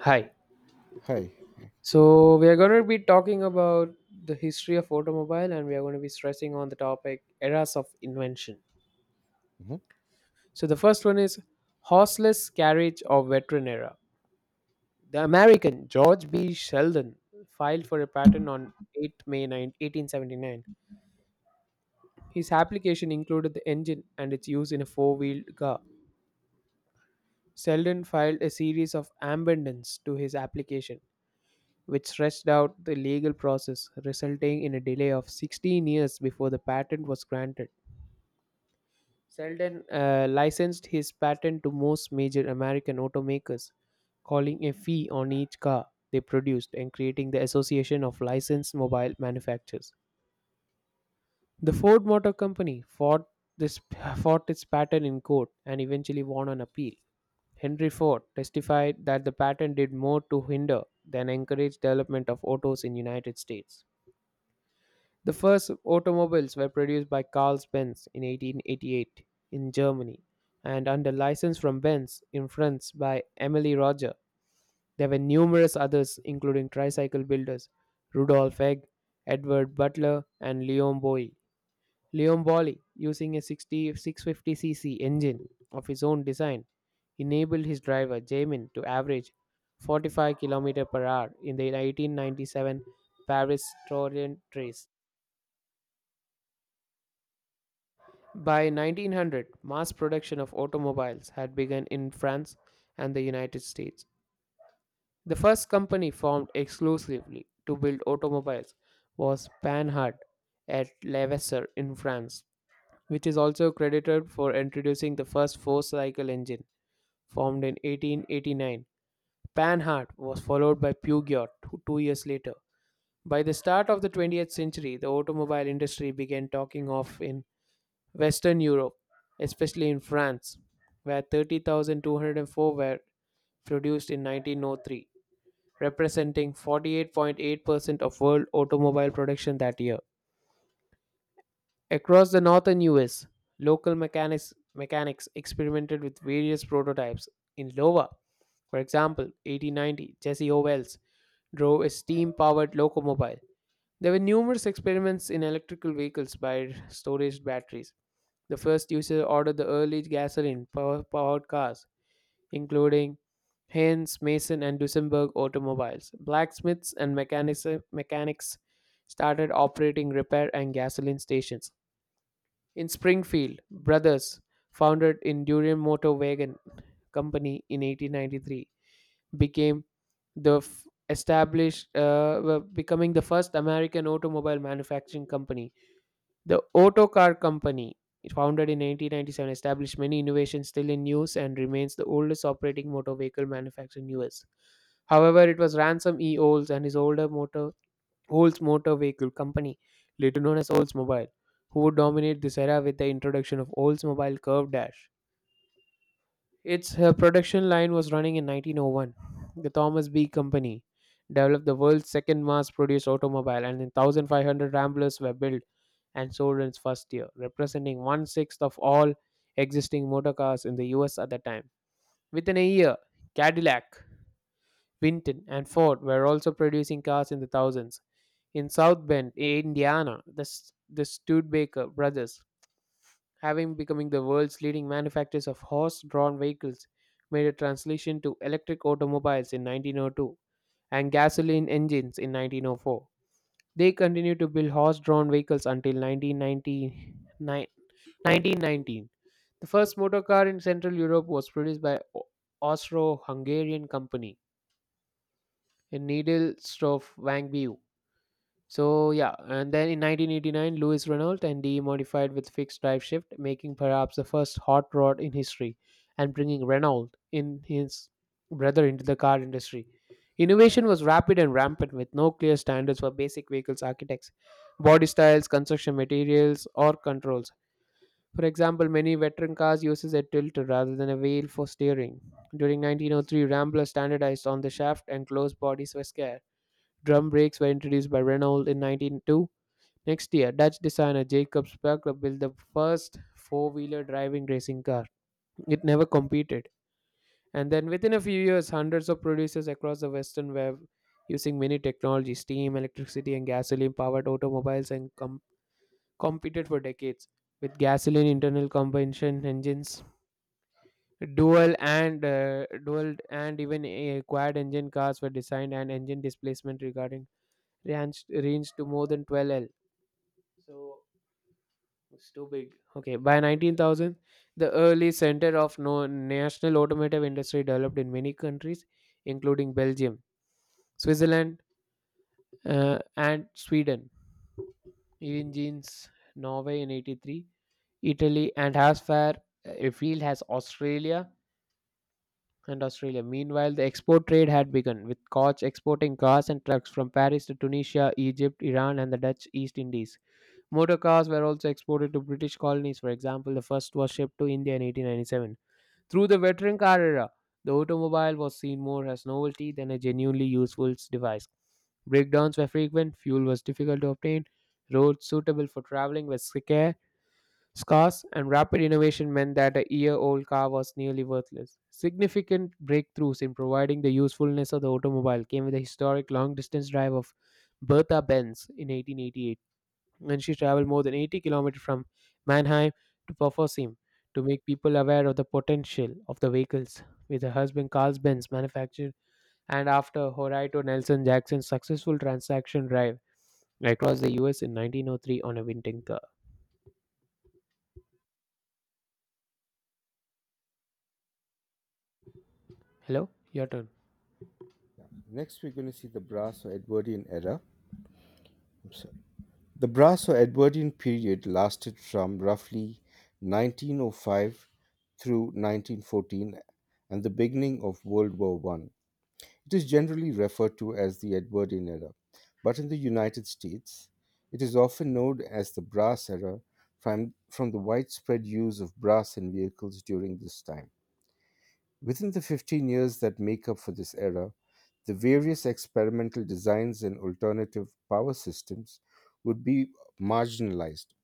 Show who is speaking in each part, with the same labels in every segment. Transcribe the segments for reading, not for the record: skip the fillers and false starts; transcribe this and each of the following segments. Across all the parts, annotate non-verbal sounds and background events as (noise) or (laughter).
Speaker 1: Hi.
Speaker 2: Hi.
Speaker 1: So we are going to be talking about the history of automobile, and we are going to be stressing on the topic eras of invention.
Speaker 2: Mhm.
Speaker 1: So the first one is horseless carriage or veteran era. The American George B. Sheldon filed for a patent on 8 May 9, 1879. His application included the engine and its use in a four-wheeled car. Sheldon filed a series of amendments to his application, which stretched out the legal process, resulting in a delay of 16 years before the patent was granted. Selden licensed his patent to most major American automakers, calling a fee on each car they produced and creating the Association of Licensed Mobile Manufacturers. The Ford Motor Company fought this (laughs) fought its patent in court and eventually won on appeal. Henry Ford testified that the patent did more to hinder than encourage development of autos in United States. The first automobiles were produced by Carl Benz in 1888 in Germany and under license from Benz in France by Emily Roger. There were numerous others including tricycle builders Rudolf Egg, Edward Butler, and Leon Boy. Leon Bolli, using a 6650 650cc engine of his own design, enabled his driver Jamin to average 45 km per hour in the 1897 Paris Tourland race. By 1900, mass production of automobiles had begun in France and the United States. The first company formed exclusively to build automobiles was Panhard at Levasseur in France, which is also credited for introducing the first four-cycle engine, formed in 1889. Panhard was followed by Peugeot two years later. By the start of the 20th century, the automobile industry began talking off in Western Europe, especially in France, where 30,204 were produced in 1903, representing 48.8% of world automobile production that year. Across the northern US, local mechanics experimented with various prototypes. In Iowa, for example, 1890, Jesse Owens drove a steam powered locomobile. There were numerous experiments in electrical vehicles by storage batteries. The first user ordered the early powered cars, including Haynes, Mason, and Duesenberg automobiles. Blacksmiths and mechanics started operating repair and gasoline stations. In Springfield, brothers, founded in Durian Motor Wagon Company in 1893, became the f- established, were becoming the first American automobile manufacturing company. The Auto Car Company, founded in 1997, established many innovations still in use, and remains the oldest operating motor vehicle manufacturer in US. However, it was Ransom E. Olds and his older motor Olds Motor Vehicle Company, later known as Oldsmobile, who would dominate this era with the introduction of Oldsmobile Curve Dash. Its production line was running in 1901. The Thomas B. Company developed the world's second mass produced automobile, and 1,500 Ramblers were built and sold in its first year, representing one sixth of all existing motor cars in the US at the time. Within a year, Cadillac, Winton, and Ford were also producing cars in the thousands. In South Bend, Indiana, the Studebaker brothers, having becoming the world's leading manufacturers of horse-drawn vehicles, made a translation to electric automobiles in 1902 and gasoline engines in 1904. They continued to build horse-drawn vehicles until 1999 1919. The first motor car in Central Europe was produced by Austro-Hungarian company in Needle Stove Wangbue. So yeah, and then in 1989, Lewis Renault and D modified with fixed drive shift, making perhaps the first hot rod in history, and bringing Renault in his brother into the car industry. Innovation was rapid and rampant, with no clear standards for basic vehicles architects, body styles, construction materials, or controls. For example, many veteran cars uses a tilter rather than a wheel for steering. During 1903, Rambler standardized on the shaft, and closed bodies were scarce. Drum brakes were introduced by Renault in 1902. Next year, Dutch designer Jacob Sparkler built the first four wheeler driving racing car. It never competed. And then within a few years, hundreds of producers across the Western web using many technologies steam, electricity, and gasoline powered automobiles, and competed for decades with gasoline internal combustion engines. Dual and even quad engine cars were designed, and engine displacement regarding ranged to more than 12 L. So it's too big. Okay, by 19,000, the early center of no national automotive industry developed in many countries, including Belgium, Switzerland, and Sweden. Engines, Norway in 83, Italy, and as far afield field has Australia and Australia. Meanwhile, the export trade had begun, with Koch exporting cars and trucks from Paris to Tunisia, Egypt, Iran, and the Dutch East Indies. Motor cars were also exported to British colonies. For example, the first was shipped to India in 1897. Through the veteran car era, the automobile was seen more as novelty than a genuinely useful device. Breakdowns were frequent, fuel was difficult to obtain, roads suitable for traveling were scarce, and rapid innovation meant that a year-old car was nearly worthless. Significant breakthroughs in providing the usefulness of the automobile came with the historic long-distance drive of Bertha Benz in 1888, and she traveled more than 80 kilometers from Mannheim to Pforzheim to make people aware of the potential of the vehicles. With her husband Carl Benz manufactured, and after Horatio Nelson Jackson's successful transaction drive across the US in 1903 on a winter car. Hello, your turn.
Speaker 2: Next, we're going to see the Brass or Edwardian era. I'm sorry. The Brass or Edwardian period lasted from roughly 1905 through 1914 and the beginning of World War One. It is generally referred to as the Edwardian era, but in the United States, it is often known as the Brass era from the widespread use of brass in vehicles during this time. Within the 15 years that make up for this era, the various experimental designs and alternative power systems would be marginalized.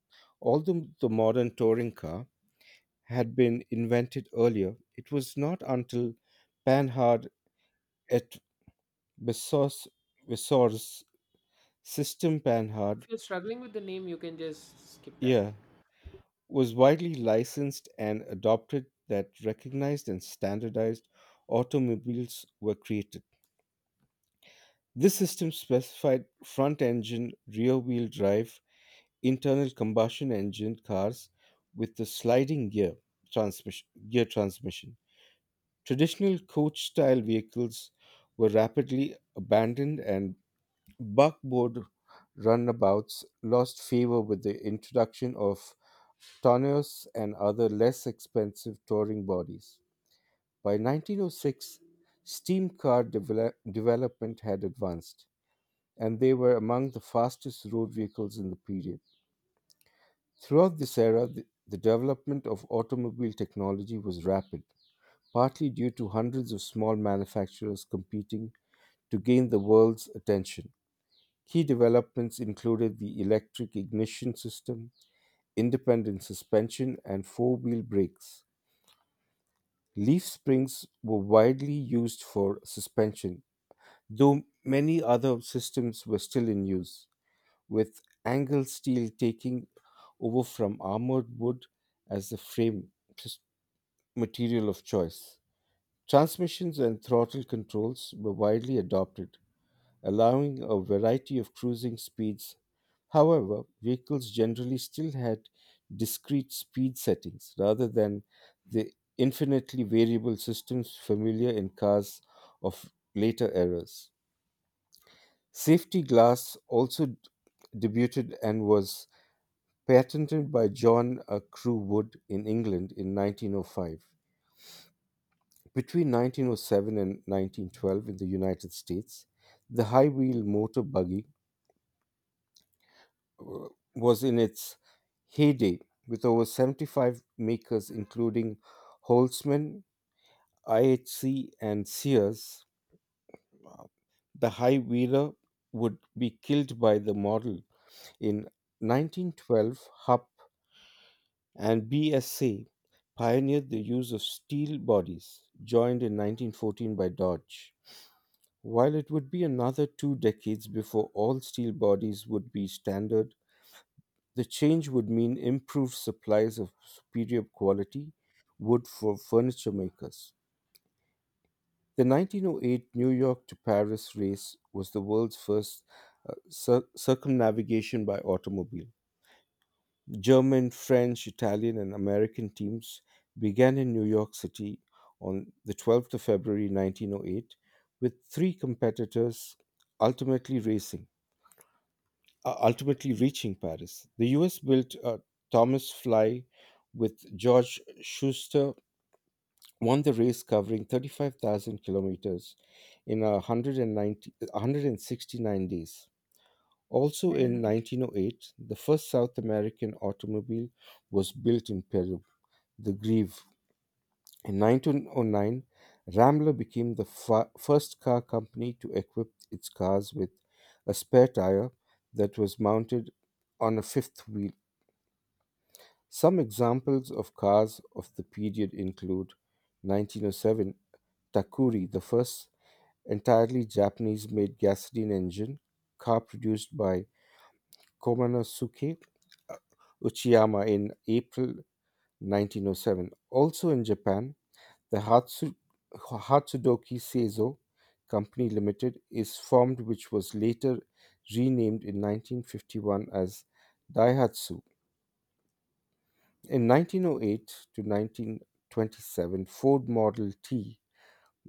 Speaker 2: Although the modern touring car had been invented earlier, it was not until Panhard et Bessor's, Bessor's system Panhard,
Speaker 1: If you're struggling with the name, you can just skip that.
Speaker 2: yeah, was widely licensed and adopted that recognized and standardized automobiles were created. This system specified front engine, rear wheel drive, internal combustion engine cars with the sliding gear transmission. Traditional coach style vehicles were rapidly abandoned, and buckboard runabouts lost favor with the introduction of tonneaus and other less expensive touring bodies. By 1906, steam car development had advanced and they were among the fastest road vehicles in the period. Throughout this era, the development of automobile technology was rapid, partly due to hundreds of small manufacturers competing to gain the world's attention. Key developments included the electric ignition system, independent suspension, and four-wheel brakes. Leaf springs were widely used for suspension, though many other systems were still in use, with angle steel taking over from armored wood as the frame s- material of choice. Transmissions and throttle controls were widely adopted, allowing a variety of cruising speeds. However, vehicles generally still had discrete speed settings rather than the infinitely variable systems familiar in cars of later eras. Safety glass also debuted and was patented by John Crewe Wood in England in 1905. Between 1907 and 1912 in the United States, the high wheel motor buggy uh, was in its heyday with over 75 makers, including Holzman, IHC, and Sears. The high wheeler would be killed by the model in 1912. Hupp and BSA pioneered the use of steel bodies, joined in 1914 by Dodge. While it would be another two decades before all steel bodies would be standard, the change would mean improved supplies of superior quality wood for furniture makers. The 1908 New York to Paris race was the world's first circumnavigation by automobile. German, French, Italian, and American teams began in New York City on the 12th of February 1908, with three competitors ultimately racing ultimately reaching Paris. The US built Thomas Fly with George Schuster won the race, covering 35,000 kilometers in a 169 days. Also in 1908, the first South American automobile was built in Peru, the Grieve. In 1909, Ramler became the first car company to equip its cars with a spare tire that was mounted on a fifth wheel. Some examples of cars of the period include 1907 Takuri, the first entirely Japanese made gasoline engine car produced by Komanosuke Uchiyama in April 1907. Also in Japan, the Hatsudoki Seizo Company Limited is formed, which was later renamed in 1951 as Daihatsu. In 1908 to 1927, Ford Model T,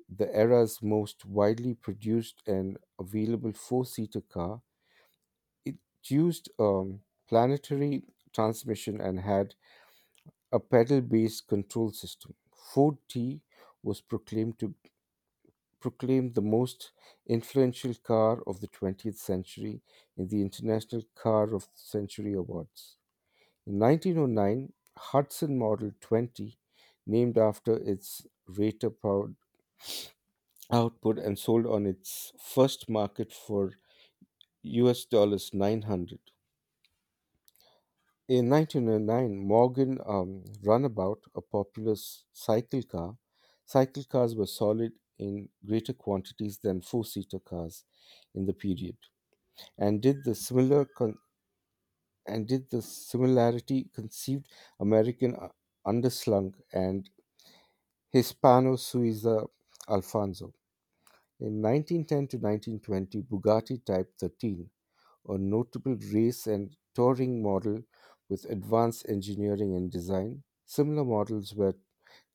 Speaker 2: the era's most widely produced and available four-seater car, it used a planetary transmission and had a pedal-based control system. Ford T was proclaimed the most influential car of the 20th century in the International Car of the Century Awards. In 1909, Hudson Model 20, named after its rater powered output and sold on its first market for US dollars 900. In 1909, Morgan Runabout, a popular cycle car. Cycle cars were solid in greater quantities than four seater cars in the period and did the similar con- and did the similarity conceived American underslung and Hispano Suiza Alfonso. In 1910 to 1920, Bugatti Type 13, a notable race and touring model with advanced engineering and design. Similar models were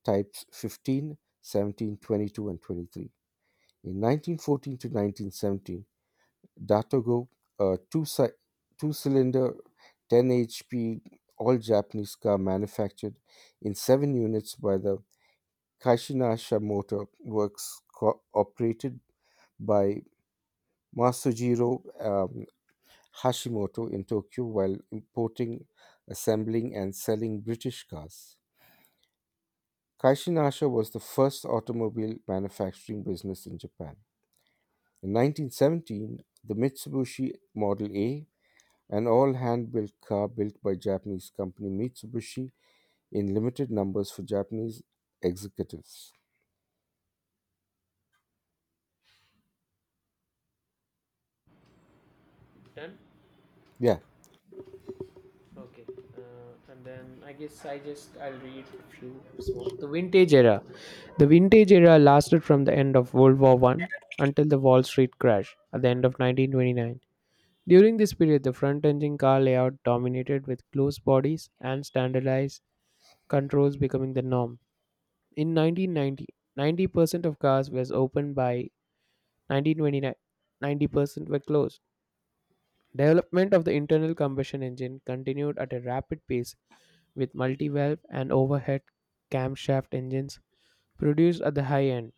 Speaker 2: types 15, 17, 22, and 23. In 1914 to 1917, Datago, a two cylinder 10 hp all Japanese car manufactured in seven units by the Kaishinasha Motor Works, operated by Masujiro um, Hashimoto in Tokyo while importing, assembling, and selling British cars. Kaishinasha was the first automobile manufacturing business in Japan. In 1917, the Mitsubishi Model A, an all hand-built car built by Japanese company Mitsubishi in limited numbers for Japanese executives.
Speaker 1: Done?
Speaker 2: Yeah,
Speaker 1: Okay, and then I guess I'll read a few. So the Vintage Era lasted from the end of World War I until the Wall Street crash at the end of 1929. During this period, the front-engine car layout dominated with closed bodies and standardized controls becoming the norm. In 1990, 90% of cars was open. By 1929, 90% were closed. Development of the internal combustion engine continued at a rapid pace with multi-valve and overhead camshaft engines produced at the high end,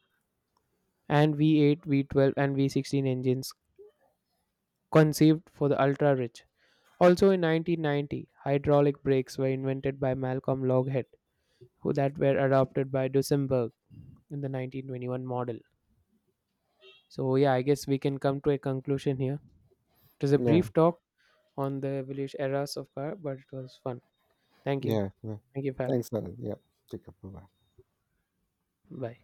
Speaker 1: and V8, V12, and V16 engines conceived for the ultra rich. Also in 1990, hydraulic brakes were invented by Malcolm Loghead, who that were adopted by Duesenberg in the 1921 model. So yeah, I guess we can come to a conclusion here. It was a brief
Speaker 2: yeah,
Speaker 1: talk on the evolution eras of car, but it was fun. Thank you.
Speaker 2: yeah. Yeah.
Speaker 1: Thank you for having.
Speaker 2: Thanks, Anand. Yeah, take up. Bye.
Speaker 1: Bye.